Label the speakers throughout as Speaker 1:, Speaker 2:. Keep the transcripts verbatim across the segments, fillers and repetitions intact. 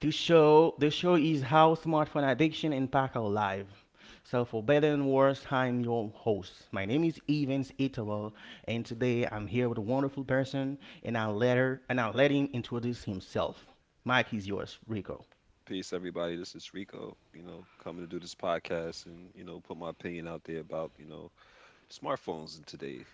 Speaker 1: This show, the show is how smartphone addiction impacts our life. So for better and worse, I'm your host. My name is Evans Italo, and today I'm here with a wonderful person, and I'll let her, and I'll let him introduce himself. Mike is yours, Rico.
Speaker 2: Peace, everybody. This is Rico, you know, coming to do this podcast and, you know, put my opinion out there about, you know, smartphones in today.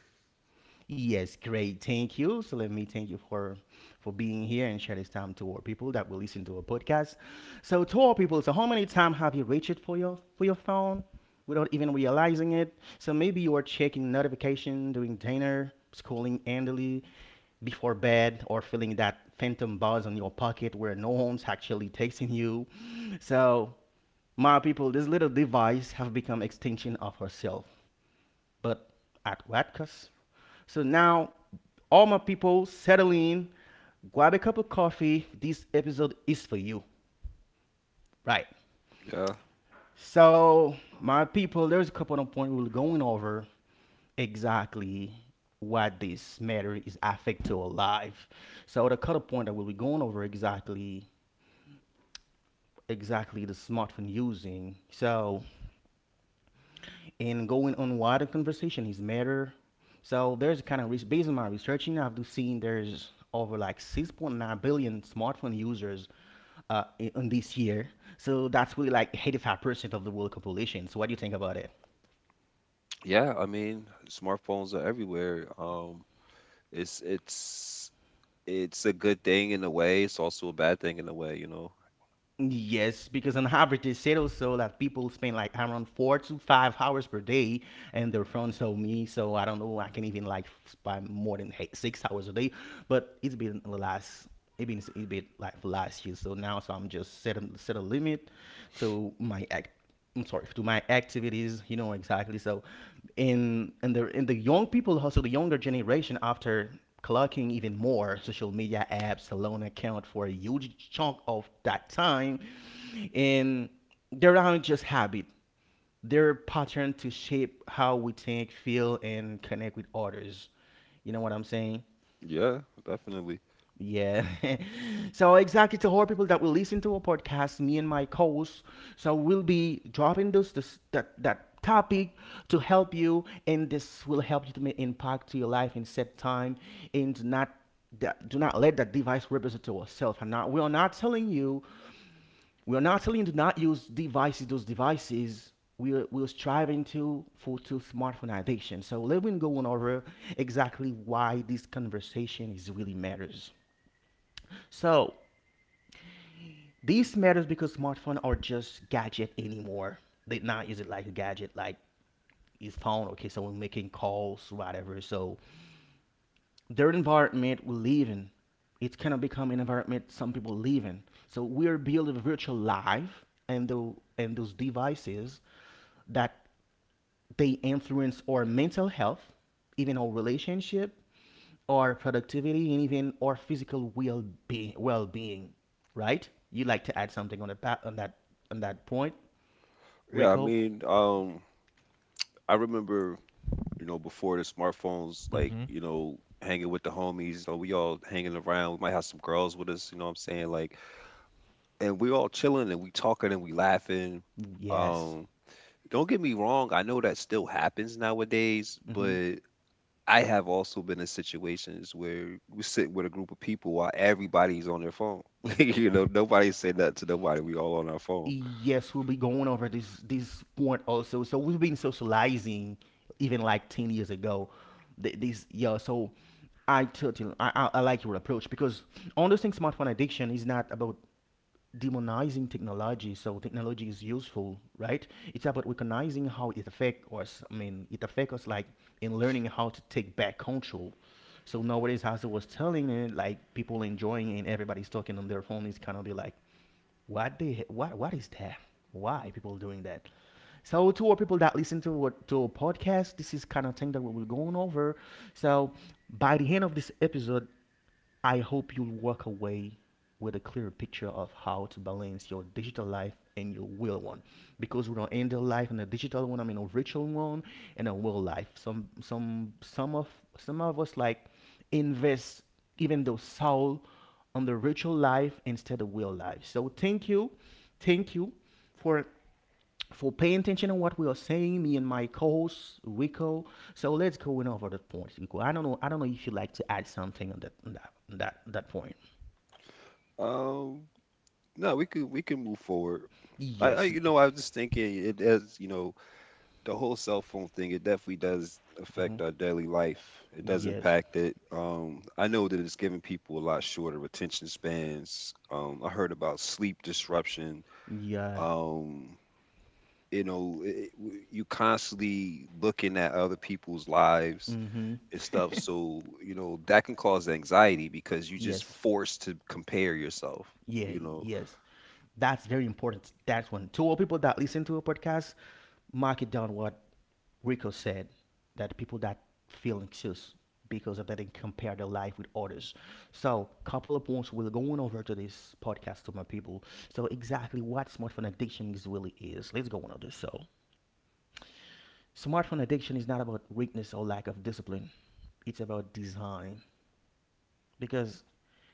Speaker 1: Yes, great. Thank you. So let me thank you for for being here and share this time to our people that will listen to our podcast. So to our people, so how many times have you reached for your for your phone without even realizing it? So maybe you are checking notification, during dinner, scrolling endlessly before bed, or feeling that phantom buzz on your pocket where no one's actually texting you. So my people, this little device have become extension of herself but at Watkas. So now, all my people, settle in, grab a cup of coffee. This episode is for you, right?
Speaker 2: Yeah.
Speaker 1: So, my people, there's a couple of points we're going over exactly what this matter is affect to our life. So, the cut point that we'll be going over exactly, exactly the smartphone using. So, and going on wider conversation is matter. So there's a kind of risk based on my researching, I've seen there's over like six point nine billion smartphone users uh, in, in this year. So that's really like eighty-five percent of the world population. So what do you think about it?
Speaker 2: Yeah, I mean, smartphones are everywhere. Um, it's it's it's a good thing in a way, it's also a bad thing in a way, you know.
Speaker 1: Yes, because on average they said also that people spend like around four to five hours per day and their phones told me. So I don't know, I can even like spend more than eight, six hours a day, but it's been the last it been it been like for last year. So now, so I'm just set a, set a limit to my act. I'm sorry, to my activities. You know exactly. So in in the in the young people, also the younger generation, after clocking even more social media apps alone account for a huge chunk of that time, and they're not just habit. They're pattern to shape how we think, feel, and connect with others. You know what I'm saying?
Speaker 2: Yeah, definitely.
Speaker 1: Yeah. So exactly, to all people that will listen to our podcast, me and my co-host, so we'll be dropping those this, that that topic to help you, and this will help you to make impact to your life in set time, and do not that, do not let that device represent to yourself. And not, we are not telling you we are not telling you to not use devices. Those devices we are, we are striving to for to smartphone addiction. So let me go on over exactly why this conversation is really matters. So these matters because smartphones are just gadget anymore. They not is it like a gadget like his phone, okay, so we're making calls, whatever. So their environment we live in, it's kind of become an environment some people live in. So we are building a virtual life and the and those devices that they influence our mental health, even our relationship, our productivity, and even our physical well being. Well being, right? You like to add something on that on that on that point,
Speaker 2: Yeah, I
Speaker 1: Rico?
Speaker 2: mean, um, I remember, you know, before the smartphones, like, you know, hanging with the homies, you know, we all hanging around. We might have some girls with us, you know what I'm saying? Like and we all chilling and we talking and we laughing.
Speaker 1: Yes.
Speaker 2: Um, don't get me wrong, I know that still happens nowadays,
Speaker 1: Hmm.
Speaker 2: but I have also been in situations where we sit with a group of people while everybody's on their phone.
Speaker 1: Hmm.
Speaker 2: You know, nobody say nothing to nobody. We all on our phone.
Speaker 1: Yes, we'll be going over this this point also. So we've been socializing even like ten years ago. Th- This yeah. So I totally I, I I like your approach because understanding smartphone addiction is not about demonizing technology, so technology is useful, right? It's about recognizing how it affects us. I mean, it affects us like in learning how to take back control. So nowadays, as I was telling, it like people enjoying it and everybody's talking on their phone is kind of be like what the what what is that, why people doing that. So to our people that listen to our, to our podcast, this is kind of thing that we will going over. So by the end of this episode, I hope you'll walk away with a clearer picture of how to balance your digital life and your real one, because we don't end the life in a digital one, I mean a virtual one, and a real life. Some some some of some of us like invest even though soul on the virtual life instead of real life. So thank you, thank you for for paying attention on what we are saying, me and my co-host Rico. So let's go in over that point, Rico. I don't know. I don't know if you like to add something on that on that on that on that point.
Speaker 2: Um, no, we can we can move forward. I, I
Speaker 1: Yes.
Speaker 2: you know, I was just thinking it as you know the whole cell phone thing, it definitely does
Speaker 1: Hmm.
Speaker 2: affect our daily life. It does
Speaker 1: Yes.
Speaker 2: impact it. Um, I know that it's giving people a lot shorter attention spans. Um, I heard about sleep disruption.
Speaker 1: Yeah.
Speaker 2: Um, you know, it, it- w- you constantly looking at other people's lives
Speaker 1: Hmm.
Speaker 2: and stuff. So, you know, that can cause anxiety because you just
Speaker 1: Yes.
Speaker 2: forced to compare yourself,
Speaker 1: Yeah.
Speaker 2: you know.
Speaker 1: Yes. That's very important. That one. To all people that listen to a podcast, mark it down what Rico said, that people that feel anxious because of that they compare their life with others. So, couple of points we're going over to this podcast to my people. So, exactly what smartphone addiction is really is. Let's go on over this. So, smartphone addiction is not about weakness or lack of discipline. It's about design, because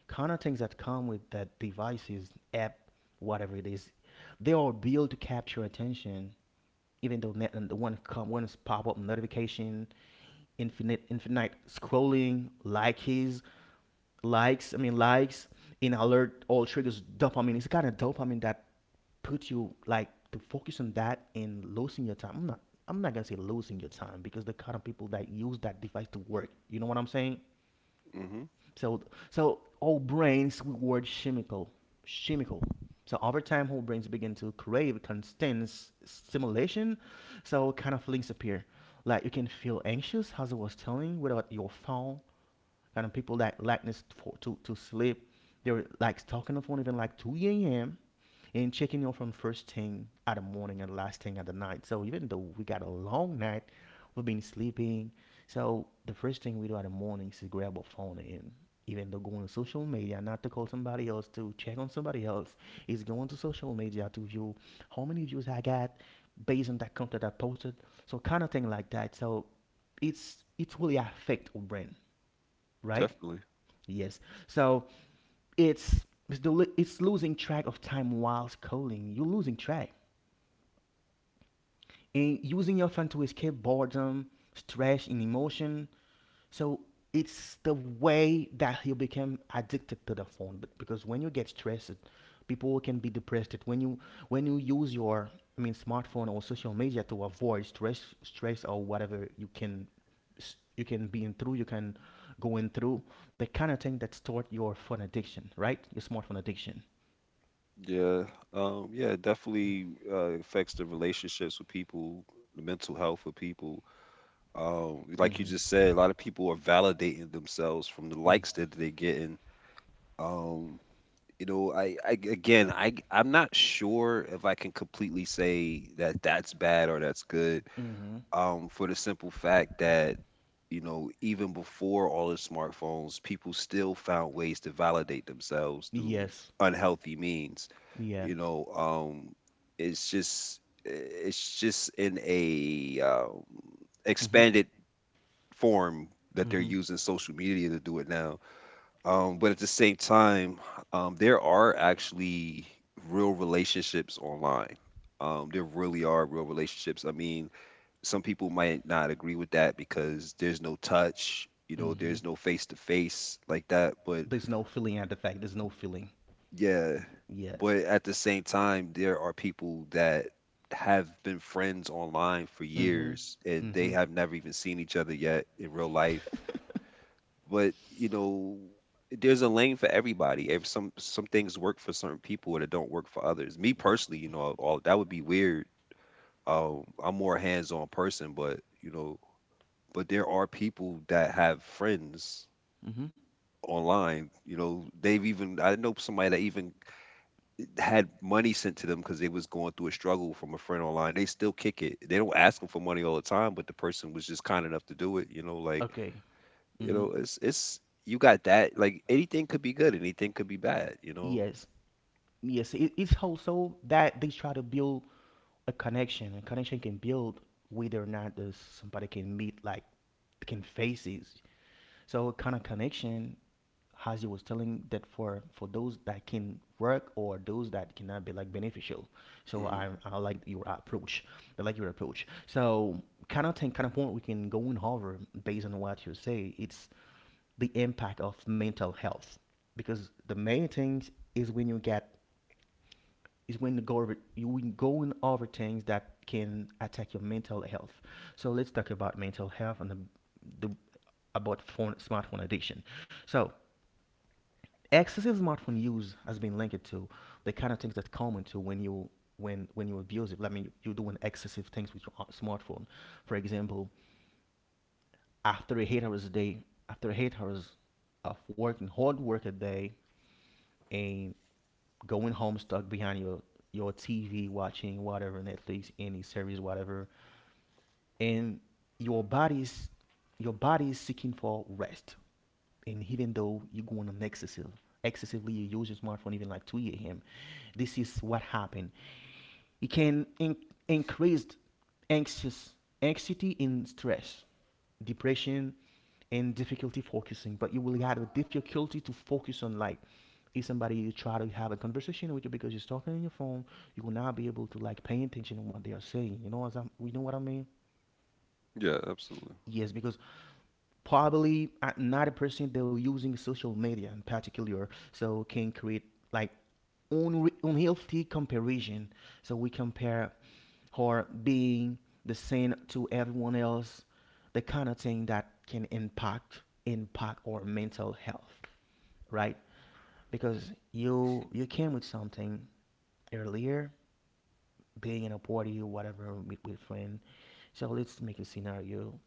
Speaker 1: kind of things that come with that devices, app, whatever it is, they are built to capture attention. Even though net, and the one come one is pop up notification, infinite infinite scrolling, likes, likes. I mean likes in alert all triggers dopamine. It's kind of dopamine that puts you like to focus on that and losing your time. I'm not I'm not gonna say losing your time because the kind of people that use that device to work. You know what I'm saying?
Speaker 2: Hmm,
Speaker 1: So so our brains reward chemical, chemical. So over time, whole brains begin to crave constant stimulation. So kind of links appear. Like you can feel anxious, as I was telling, without your phone, kind of people that likeness for, to, to sleep. They're like talking on the phone even like two a m and checking in from first thing at the morning and last thing at the night. So even though we got a long night, we've been sleeping. So the first thing we do at the morning is to grab our phone and even though going to social media, not to call somebody else to check on somebody else, is going to social media to view how many views I got based on that content I posted. So kind of thing like that. So it's it really affect our brain, right?
Speaker 2: definitely.
Speaker 1: Yes. So it's it's, the, it's losing track of time whilst calling. You're losing track. And using your phone to escape boredom, stress, and emotion, so it's the way that you become addicted to the phone. But because when you get stressed, people can be depressed. When you when you use your, I mean, smartphone or social media to avoid stress stress or whatever, you can s- you can be in through, you can go in through the kind of thing that start your phone addiction, right? Your smartphone addiction.
Speaker 2: Yeah. Um, yeah, it definitely uh, affects the relationships with people, the mental health of people. Um, like you just said,
Speaker 1: Mm-hmm.
Speaker 2: a lot of people are validating themselves from the
Speaker 1: Mm.
Speaker 2: likes that they're getting. Um, you know, I, I again, I I'm not sure if I can completely say that that's bad or that's good.
Speaker 1: Mm-hmm.
Speaker 2: Um, for the simple fact that you know, even before all the smartphones, people still found ways to validate themselves through
Speaker 1: Yes.
Speaker 2: unhealthy means.
Speaker 1: Yeah.
Speaker 2: You know, um, it's just it's just in a um,
Speaker 1: Mm-hmm.
Speaker 2: expanded form that they're
Speaker 1: Mm-hmm.
Speaker 2: using social media to do it now. Um, but at the same time, um, there are actually real relationships online. Um, there really are real relationships. I mean, some people might not agree with that because there's no touch, you know,
Speaker 1: Mm-hmm.
Speaker 2: there's no face to face like that. But
Speaker 1: There's no feeling at the fact. There's no feeling.
Speaker 2: yeah,
Speaker 1: Yeah.
Speaker 2: but at the same time, there are people that have been friends online for
Speaker 1: Mm-hmm.
Speaker 2: years and they
Speaker 1: Mm-hmm.
Speaker 2: have never even seen each other yet in real life. But you know, there's a lane for everybody. If some some things work for certain people that don't work for others. Me personally, you know, all that would be weird. Um, I'm more hands on person, but you know, but there are people that have friends
Speaker 1: Mm-hmm.
Speaker 2: online. You know, they've even I know somebody that even had money sent to them because they was going through a struggle from a friend online. They still kick it. They don't ask them for money all the time, but the person was just kind enough to do it. You know, like
Speaker 1: Okay.
Speaker 2: you
Speaker 1: Mm-hmm.
Speaker 2: know, it's it's you got that. Like anything could be good, anything could be bad. You know.
Speaker 1: Yes. Yes. It, it's also that they try to build a connection. A connection can build whether or not there's somebody can meet like can face it. So a kind of connection, Hazi was telling, that for for those that can work or those that cannot be like beneficial. So
Speaker 2: Hmm.
Speaker 1: I I like your approach. I like your approach. So kind of thing, kind of point we can go and hover based on what you say. It's the impact of mental health because the main thing is when you get is when you go over, you when going over things that can attack your mental health. So let's talk about mental health and the, the about phone smartphone addiction. So excessive smartphone use has been linked to the kind of things that come into when you when when you abuse it. I mean, you're doing excessive things with your uh, smartphone. For example, after eight hours a day, after eight hours of working hard work a day, and going home stuck behind your your T V watching whatever Netflix any series whatever, and your body's your body is seeking for rest, and even though you're going on excessive, excessively you use your smartphone even like two a.m. This is what happened. It can in- increase anxious, anxiety and stress, depression, and difficulty focusing. But you will have a difficulty to focus on, like, if somebody you try to have a conversation with you because you're talking on your phone, you will not be able to like pay attention to what they are saying. You know what I'm, you know what I mean?
Speaker 2: Yeah, absolutely.
Speaker 1: Yes, because probably uh, not a person they're using social media in particular so can create like unre- unhealthy comparison, so we compare her being the same to everyone else, the kind of thing that can impact impact our mental health, right? Because you you came with something earlier, being in a party or whatever with, with friend. So let's make a scenario.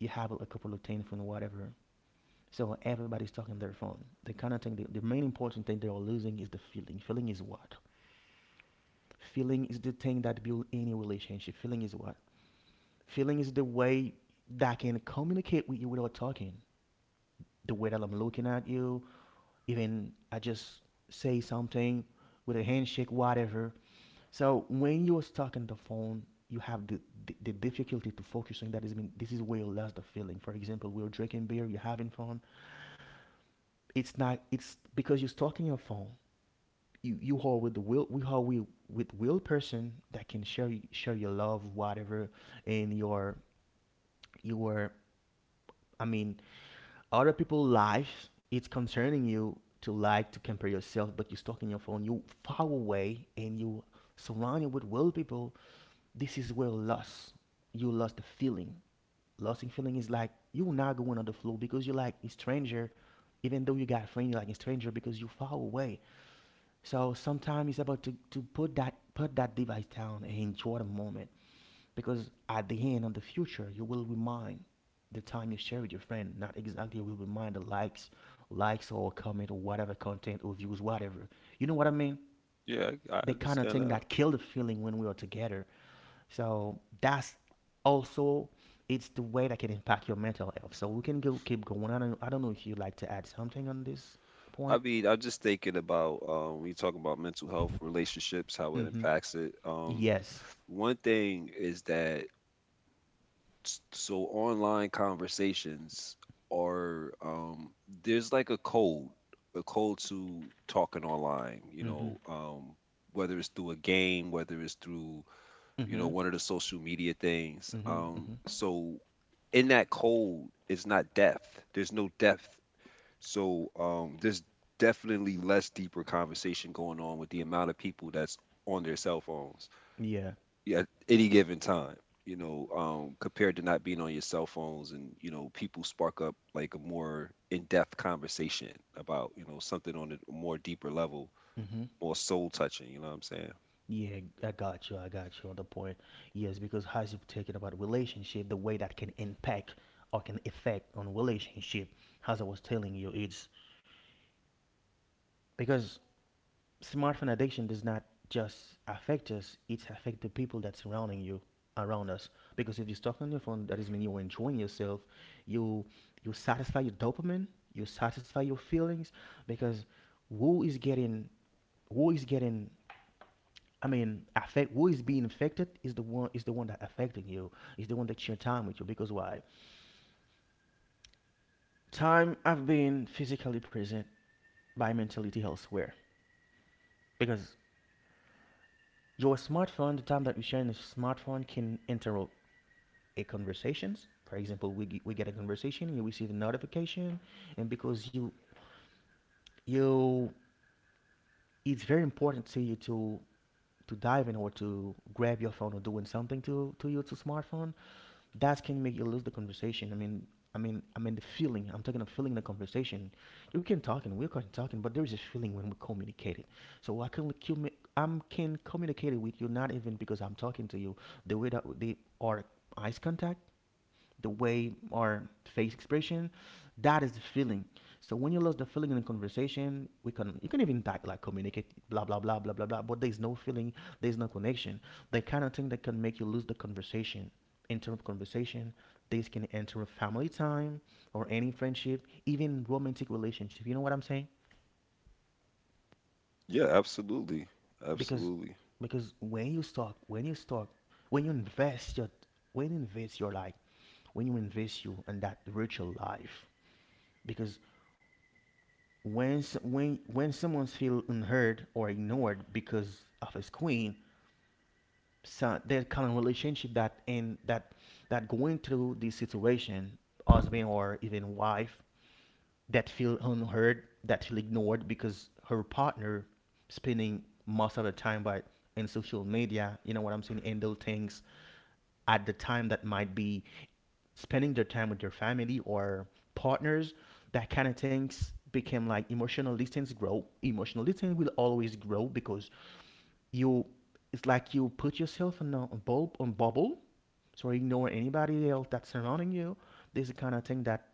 Speaker 1: You have a couple of things from whatever, so everybody's talking their phone. The kind of thing, the, the main important thing they are losing is the feeling. Feeling is what? Feeling is the thing that builds any relationship. Feeling is what? Feeling is the way that can communicate with you without talking. The way that I'm looking at you, even I just say something with a handshake, whatever. So when you're stuck in the phone, you have the, the, the difficulty to focus focusing. That is mean this is where you lost the feeling. For example, we're drinking beer, you're having fun. It's not. It's because you're stuck in your phone. you you are with the will, we are with with will person that can share share your love, whatever, in your your i mean other people life, it's concerning you to like to compare yourself, but you're stuck in your phone, you far away, and you surrounded with will people. This is where loss, you lost the feeling. Losing feeling is like you're not going on the flow because you're like a stranger, even though you got a friend, you're like a stranger because you far away. So sometimes it's about to, to put that put that device down and enjoy the moment, because at the end of the future, you will remind the time you share with your friend, not exactly you will remind the likes, likes or comment or whatever content or views, whatever. You know what I mean?
Speaker 2: Yeah, I, I
Speaker 1: The kind of
Speaker 2: understand
Speaker 1: thing
Speaker 2: that.
Speaker 1: that kill the feeling when we are together. So that's also, it's the way that can impact your mental health. So we can go keep going. I don't I don't know if you'd like to add something on this
Speaker 2: I
Speaker 1: point.
Speaker 2: mean, I'm just thinking about um, when you talk about mental health, relationships, how it
Speaker 1: Mm-hmm.
Speaker 2: impacts it. Um,
Speaker 1: Yes.
Speaker 2: one thing is that s- so online conversations are um there's like a code a code to talking online you
Speaker 1: Mm-hmm.
Speaker 2: know um whether it's through a game whether it's through you know
Speaker 1: Mm-hmm.
Speaker 2: one of the social media things
Speaker 1: Mm-hmm,
Speaker 2: um
Speaker 1: mm-hmm.
Speaker 2: so in that code is not depth there's no depth so um there's definitely less deeper conversation going on with the amount of people that's on their cell phones
Speaker 1: Yeah.
Speaker 2: yeah, at any given time, you know, um, compared to not being on your cell phones and, you know, people spark up like a more in-depth conversation about, you know, something on a more deeper level,
Speaker 1: Mm-hmm.
Speaker 2: more soul touching, you know what I'm saying?
Speaker 1: Yeah, I got you. I got you on the point. Yes, because as you're talking about relationship, the way that can impact or can affect on relationship, as I was telling you, it's because smartphone addiction does not just affect us, it affect the people that's surrounding you, around us. Because if you're stuck on your phone, that is mean you're enjoying yourself, you you satisfy your dopamine, you satisfy your feelings, because who is getting who is getting I mean, affect, who is being affected is the one is the one that affecting you, is the one that share time with you. Because why? Time I've been physically present by mentality elsewhere. Because your smartphone, the time that we share in the smartphone can interrupt a conversations. For example, we, ge- we get a conversation, you receive a notification, and because you you it's very important to you to to dive in or to grab your phone or doing something to to you to smartphone, that can make you lose the conversation. I mean, I mean, I mean the feeling. I'm talking of feeling the conversation. You can talk and we're can talking, but there is a feeling when we communicate it. So I can commu- I'm can communicate it with you not even because I'm talking to you. The way that they are eyes contact, the way our face expression, that is the feeling. So when you lose the feeling in a conversation, we can you can even type like communicate blah blah blah blah blah blah, but there's no feeling, there's no connection. The kind of thing that can make you lose the conversation, interrupt conversation. This can interrupt family time or any friendship, even romantic relationship. You know what I'm saying?
Speaker 2: Yeah, absolutely.
Speaker 1: Because
Speaker 2: Absolutely.
Speaker 1: because when you talk, when you talk, when you invest your when you invest your life, when you invest you in that virtual life, because when when when someone feels unheard or ignored because of his queen, so that kind of relationship that in that that going through this situation, husband or even wife, that feel unheard, that feel ignored because her partner spending most of the time by in social media, you know what I'm saying, and those things at the time that might be spending their time with their family or partners, that kind of things became like emotional distance grow. Emotional distance will always grow because you, it's like you put yourself in a bulb on bubble, so ignore anybody else that's surrounding you. This is the kind of thing that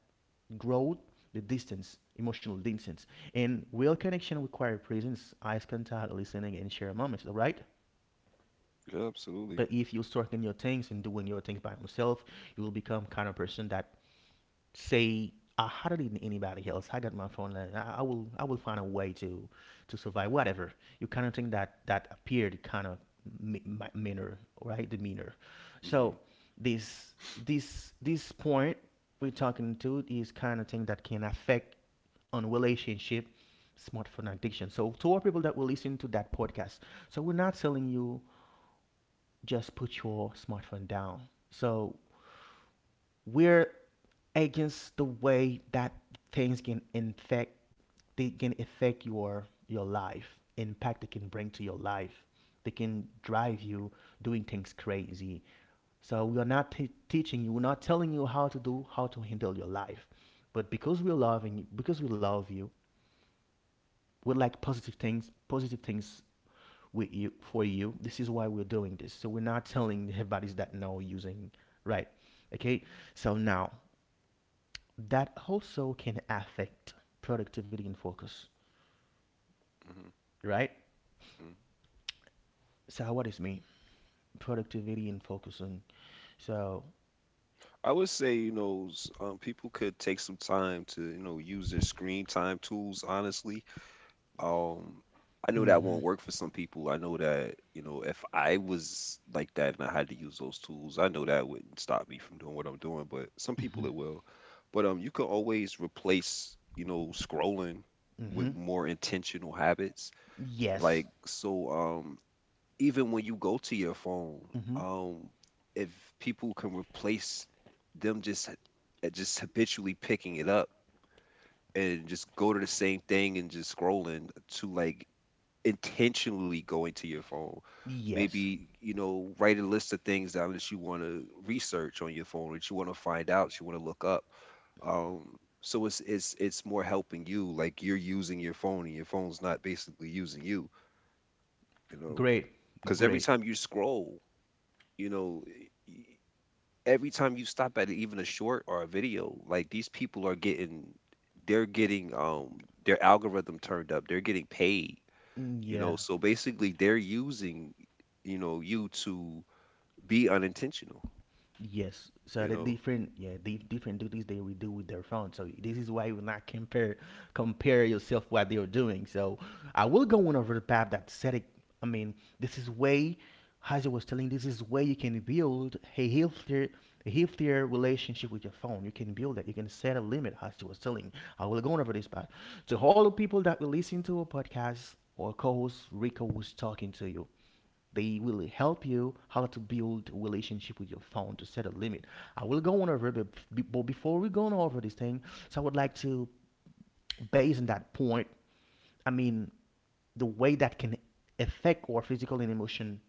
Speaker 1: grows the distance, emotional distance. And real connection requires presence, eyes contact, listening and share moments, all right?
Speaker 2: Yeah, absolutely.
Speaker 1: But if you stuck in your things and doing your things by yourself, you will become kind of person that say, I had it in anybody else. I got my phone line. I, I will I will find a way to to survive. Whatever, you kind of think that that appeared kind of manner, right? Demeanor. So
Speaker 2: Hmm.
Speaker 1: this this this point we're talking to is kind of thing that can affect on relationship, smartphone addiction. So to all people that will listen to that podcast, so we're not telling you just put your smartphone down. So we're against the way that things can infect, they can affect your your life, impact they can bring to your life, they can drive you doing things crazy. So we are not t- teaching you, we're not telling you how to do, how to handle your life, but because we're loving you, because we love you, we like positive things, positive things with you, for you. This is why we're doing this. So we're not telling everybody's that no using, right? Okay. So now that also can affect productivity and focus,
Speaker 2: Hmm.
Speaker 1: right?
Speaker 2: Hmm.
Speaker 1: So what is me? Productivity and focusing. So,
Speaker 2: I would say, you know, s- um, people could take some time to, you know, use their screen time tools, honestly. Um, I know that
Speaker 1: mm-hmm,
Speaker 2: won't work for some people. I know that, you know, if I was like that and I had to use those tools, I know that wouldn't stop me from doing what I'm doing, but some
Speaker 1: mm-hmm,
Speaker 2: people it will. But um, you can always replace, you know, scrolling
Speaker 1: mm-hmm.
Speaker 2: with more intentional habits.
Speaker 1: Yes.
Speaker 2: Like, so um, even when you go to your phone,
Speaker 1: Mm-hmm.
Speaker 2: um, if people can replace them just uh, just habitually picking it up and just go to the same thing and just scrolling to like intentionally going to your phone.
Speaker 1: Yes.
Speaker 2: Maybe, you know, write a list of things down that you want to research on your phone, that you want to find out, you want to look up. Um, so it's it's it's more helping you, like you're using your phone and your phone's not basically using you, you know.
Speaker 1: Great.
Speaker 2: Because every
Speaker 1: Great.
Speaker 2: time you scroll, you know, y- y- every time you stop at even a short or a video, like these people are getting, they're getting um their algorithm turned up, they're getting paid
Speaker 1: Mm,
Speaker 2: you
Speaker 1: yeah.
Speaker 2: know so basically they're using you know you to be unintentional
Speaker 1: Yes. So
Speaker 2: you
Speaker 1: the
Speaker 2: know.
Speaker 1: different, yeah, the different duties they will do with their phone. So this is why you will not compare compare yourself what they are doing. So I will go on over the path that said it. I mean, this is way, as I was telling, this is where you can build a healthier a healthier relationship with your phone. You can build that. You can set a limit, as you was telling. I will go over this part. To all the people that will listen to a podcast or co-host Rico was talking to you, they will help you how to build a relationship with your phone to set a limit. I will go on over it, but but before we go on over this thing, so I would like to, based on that point, I mean, the way that can affect our physical and emotion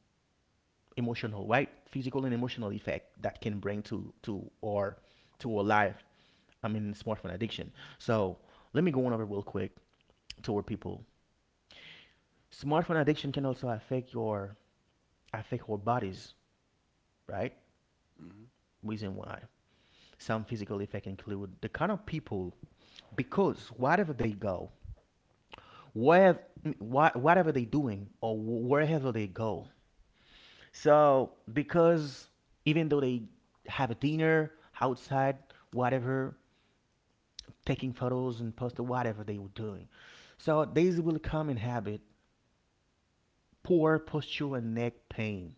Speaker 1: emotional, right? Physical and emotional effect that can bring to to or to our life. I mean, smartphone addiction. So let me go on over real quick to our people. Smartphone addiction can also affect your affect our bodies, right?
Speaker 2: Mhm.
Speaker 1: Reason why some physical effect include the kind of people, because whatever they go, where wha- whatever they doing or wherever they go. So because even though they have a dinner outside, whatever, taking photos and posting whatever they were doing. So these will come in habit, poor posture and neck pain,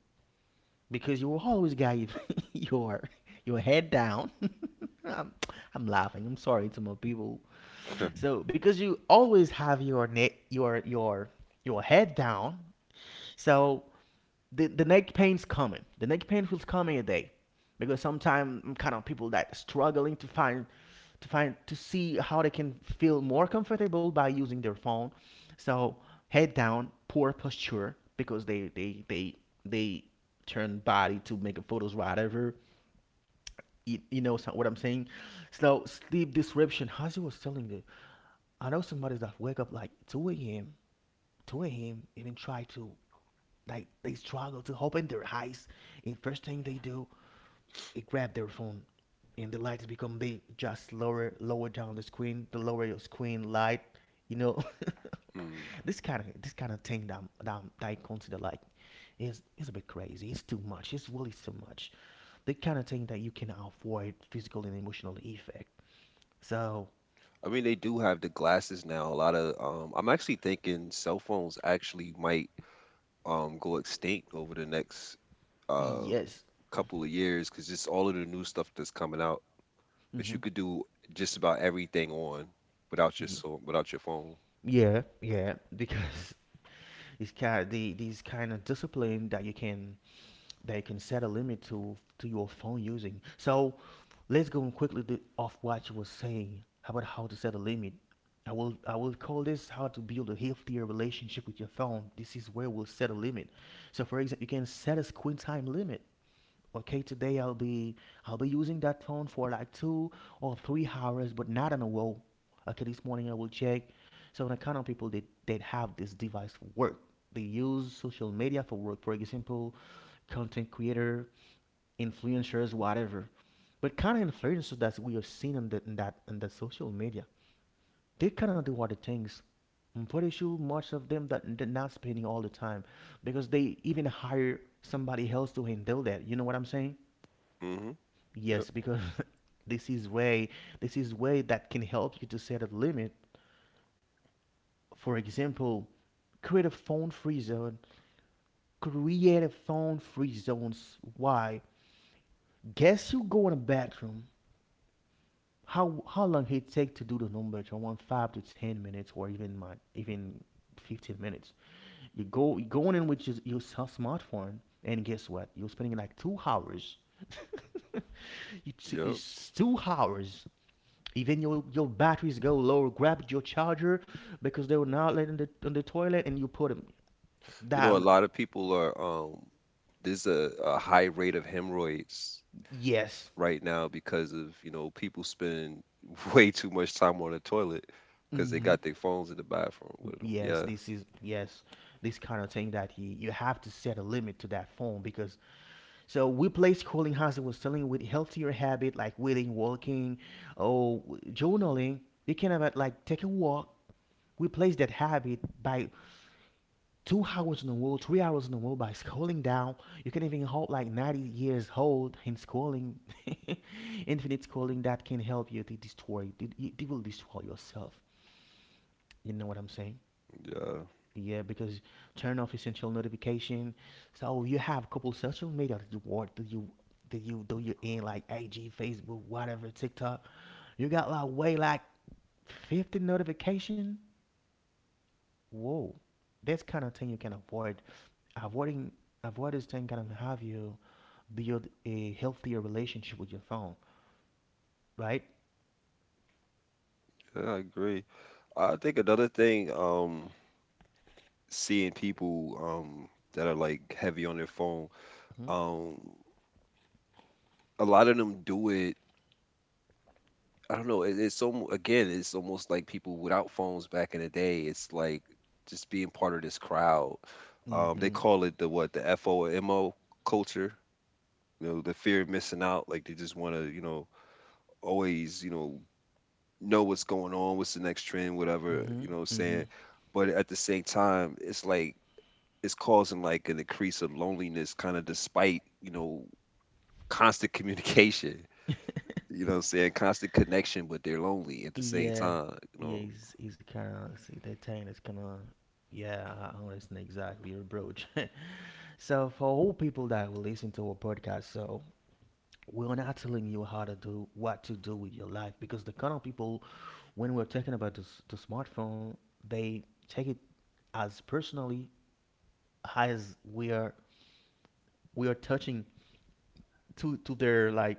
Speaker 1: because you will always got your, your head down. I'm, I'm laughing. I'm sorry to my people. So because you always have your neck your your your head down, so the, the neck pain's coming. The neck pain feels coming a day, because sometimes I'm kind of people that struggling to find to find to see how they can feel more comfortable by using their phone. So head down, poor posture because they they they they turn body to make a photos whatever. You, you know so- what I'm saying? So sleep disruption. As you was telling me, I know somebody that wake up like two a m two a m even try to like they struggle to open their eyes. And first thing they do, they grab their phone, and the lights become big. Just lower, lower down the screen. The lower your screen light, you know.
Speaker 2: Hmm.
Speaker 1: this kind of this kind of thing that, that that I consider like is is a bit crazy. It's too much. It's really too much. The kind of thing that you can avoid physical and emotional effect. So
Speaker 2: I mean, they do have the glasses now. A lot of um, I'm actually thinking cell phones actually might um go extinct over the next uh
Speaker 1: yes,
Speaker 2: couple of years because just all of the new stuff that's coming out that you
Speaker 1: mm-hmm.
Speaker 2: could do just about everything on without your
Speaker 1: yeah,
Speaker 2: so without your phone.
Speaker 1: yeah, yeah, because it's kind of the these kind of discipline that you can they can set a limit to to your phone using. So let's go and quickly th- off what you were saying about how to set a limit. I will I will call this how to build a healthier relationship with your phone. This is where we'll set a limit. So, for example, you can set a screen time limit. Okay, today i'll be i'll be using that phone for like two or three hours, but not in a row. Okay, this morning I will check. So the kind of people that that have this device for work, they use social media for work. For example, content creator, influencers, whatever. But kind of influencers that we have seen in, the, in that in the social media, they kind of do other things. I'm pretty sure much of them that they're not spending all the time, because they even hire somebody else to handle that. You know what I'm saying?
Speaker 2: Mm-hmm. Yep.
Speaker 1: Yes, because this is way this is way that can help you to set a limit. For example, create a phone free zone. Create a phone free zones. Why? Guess you go in a bathroom. How how long it take to do the numbers? Around five to ten minutes, or even my even fifteen minutes. You go you going in with your, your cell smartphone, and guess what? You're spending like two hours. you, t-
Speaker 2: Yep.
Speaker 1: it's two hours. Even your your batteries go low, grab your charger, because they were not letting the on the toilet and you put them
Speaker 2: You know, a
Speaker 1: that.
Speaker 2: lot of people are um there's a, a high rate of hemorrhoids
Speaker 1: Yes.
Speaker 2: right now because of, you know, people spend way too much time on the toilet because they
Speaker 1: Hmm.
Speaker 2: got their phones in the bathroom with them.
Speaker 1: Yes,
Speaker 2: Yeah,
Speaker 1: this is, yes, this kind of thing that you, you have to set a limit to that phone, because so we play scrolling, as I was telling, with healthier habit like reading, walking, or journaling. You can have it like take a walk, replace that habit by two hours in a row, three hours in a row by scrolling down. You can even hold like ninety years old in scrolling, infinite scrolling that can help you to destroy it, will destroy yourself. You know what I'm saying?
Speaker 2: yeah,
Speaker 1: Yeah, because turn off essential notification. So you have a couple social media that you work, that you, that you, do you in like I G, Facebook, whatever, TikTok. You got like way like fifty notification. Whoa, this kind of thing you can avoid. Avoiding avoid this thing can have you build a healthier relationship with your phone, right?
Speaker 2: yeah, I agree. I think another thing, um, seeing people um that are like heavy on their phone,
Speaker 1: Mm-hmm.
Speaker 2: um, a lot of them do it I don't know. It, it's almost again, it's almost like people without phones back in the day. It's like just being part of this crowd. Um, they
Speaker 1: Mm-hmm.
Speaker 2: call it the what the FOMO culture. You know, the fear of missing out. Like they just want to, you know, always, you know, know what's going on, what's the next trend, whatever.
Speaker 1: Mm-hmm.
Speaker 2: You know, what I'm
Speaker 1: Mm-hmm.
Speaker 2: saying. But at the same time, it's like it's causing like an increase of loneliness, kind of despite you know constant communication. You know, what I'm saying constant connection, but they're lonely at the same
Speaker 1: Yeah.
Speaker 2: time. You
Speaker 1: Yeah,
Speaker 2: know,
Speaker 1: he's he's kinda see that thing that's kinda. Yeah, I I understand exactly your approach. So for all people that will listen to our podcast, so we're not telling you how to do what to do with your life. Because the kind of people, when we're talking about the, the smartphone, they take it as personally, as we are we are touching to to their, like,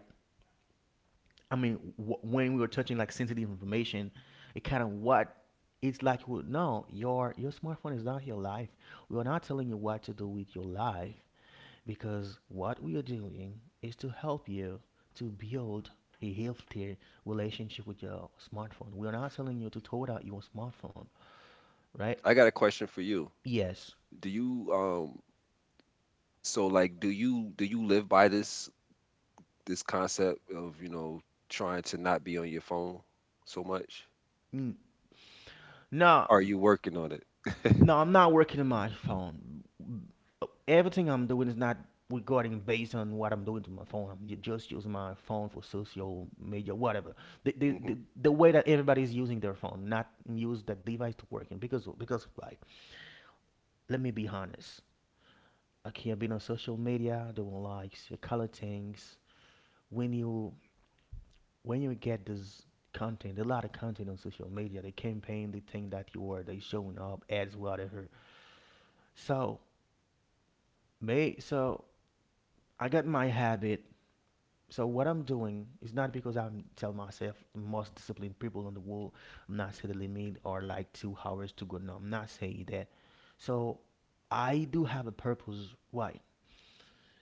Speaker 1: I mean, w- when we are touching like sensitive information, it kind of what, it's like, well, no, your your smartphone is not your life. We are not telling you what to do with your life, because what we are doing is to help you to build a healthier relationship with your smartphone. We are not telling you to throw out your smartphone, right?
Speaker 2: I got a question for you.
Speaker 1: Yes.
Speaker 2: Do you um so like do you do you live by this this concept of, you know, trying to not be on your phone so much?
Speaker 1: Mm. No,
Speaker 2: Are you working on it?
Speaker 1: no, I'm not working on my phone. Everything I'm doing is not regarding based on what I'm doing to my phone. I'm ju- just using my phone for social media, whatever. The, the,
Speaker 2: Hmm.
Speaker 1: the, the way that everybody's using their phone, not use that device to working. Because, because, like, let me be honest. Okay, I've been on social media, doing likes, color things. When you when you get this content, a lot of content on social media, they campaign, they think that you are, they showing up, ads, whatever. So, may so I got my habit. So what I'm doing is not because I tell myself the most disciplined people in the world. I'm not set a limit or like two hours to go. No, I'm not saying that. So I do have a purpose. Why?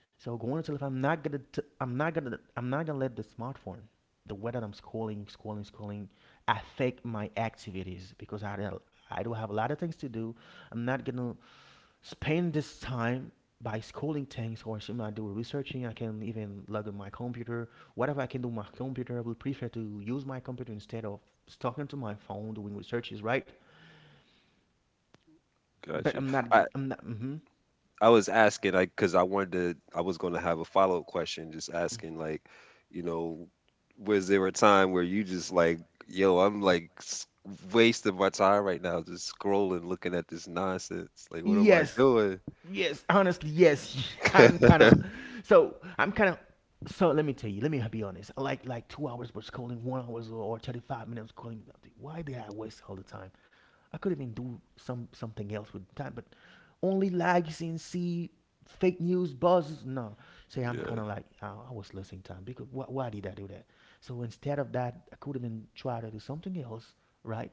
Speaker 1: So going on tell, if I'm not gonna, t- I'm not gonna, I'm not gonna let the smartphone, the way that I'm scrolling, scrolling, scrolling, affect my activities, because I, I do have a lot of things to do. I'm not gonna spend this time by scrolling things or something I do researching. I can even log in my computer. Whatever I can do on my computer, I will prefer to use my computer instead of talking to my phone doing researches, right?
Speaker 2: Got
Speaker 1: But
Speaker 2: you.
Speaker 1: I'm not,
Speaker 2: I
Speaker 1: I'm not. hmm
Speaker 2: I was asking like because I wanted to I was going to have a follow-up question just asking like, you know, was there a time where you just like, yo, I'm like s- wasting my time right now just scrolling looking at this nonsense. Like what am I
Speaker 1: Yes.
Speaker 2: doing?
Speaker 1: Yes, honestly, yes. I'm kind of so I'm kind of so let me tell you. Let me be honest. I like like two hours was calling one hours, or, or thirty five minutes calling. Why did I waste all the time? I could even do some something else with time, but only likes and see fake news buzzes. No, say I'm kind
Speaker 2: Yeah.
Speaker 1: of like, oh, I was losing time, because wh- why did I do that? So instead of that, I could even try to do something else, right?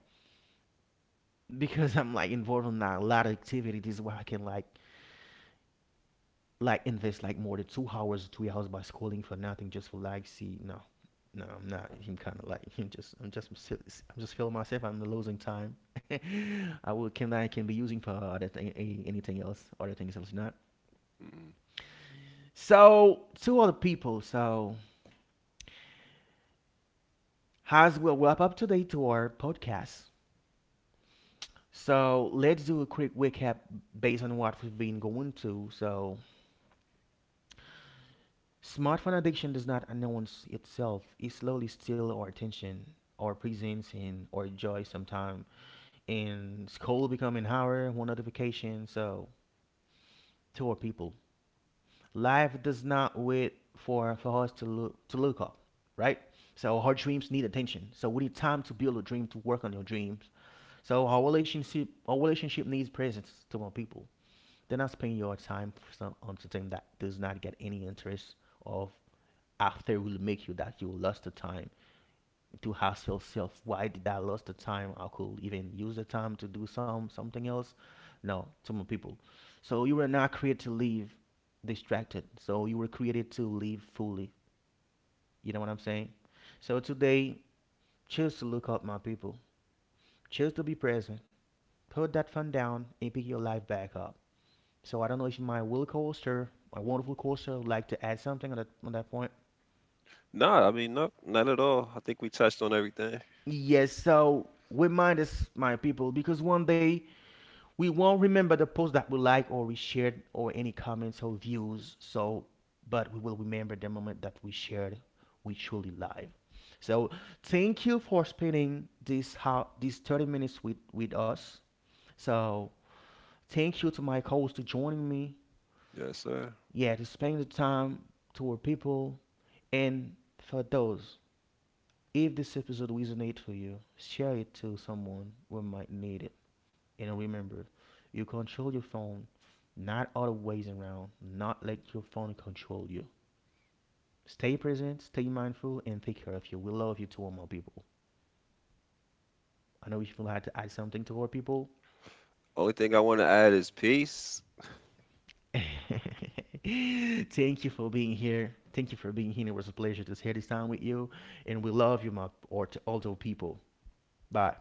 Speaker 1: Because I'm like involved in a lot of activities where I can like like invest like more than two hours, three hours by scrolling for nothing, just for like see. No, no, I'm not. I'm kind of like, I'm just I'm just I'm just feeling myself. I'm losing time. I will can I can be using for other thing, anything else, other things else not.
Speaker 2: Mm-hmm.
Speaker 1: So to other people. So as we'll wrap up today to our podcast. So let's do a quick recap based on what we've been going to. So smartphone addiction does not announce itself. It slowly steals our attention, our presence, and our joy sometime. And school become an hour, one notification. So, to our people, life does not wait for for us to look to look up, right? So our dreams need attention. So we need time to build a dream, to work on your dreams. So our relationship, our relationship needs presence, to our people. They're not spending your time for some, on something that does not get any interest of, after it will make you that you lost the time, to ask yourself, why did I lost the time? I could even use the time to do some something else. No, to my people. So you were not created to live distracted. So you were created to live fully. You know what I'm saying? So today, choose to look up, my people. Choose to be present. Put that phone down and pick your life back up. So I don't know if my will coaster, my wonderful coaster, would like to add something on that on that point.
Speaker 2: No, I mean, no, not at all. I think we touched on everything.
Speaker 1: Yes, so remind us, my people, because one day we won't remember the post that we like or we shared or any comments or views. So, but we will remember the moment that we shared, we truly live. So, thank you for spending this how these thirty minutes with with us. So, thank you to my co-host to joining me.
Speaker 2: Yes, sir.
Speaker 1: Yeah, to spend the time to our people and for those. If this episode resonate for you, share it to someone who might need it. And remember, you control your phone, not other ways around. Not let your phone control you. Stay present, stay mindful, and take care of you. We love you to all more people. I know if you feel like to add something to our people.
Speaker 2: Only thing I want to add is peace.
Speaker 1: Thank you for being here. Thank you for being here. It was a pleasure to share this time with you. And we love you, my, or to all the people. Bye.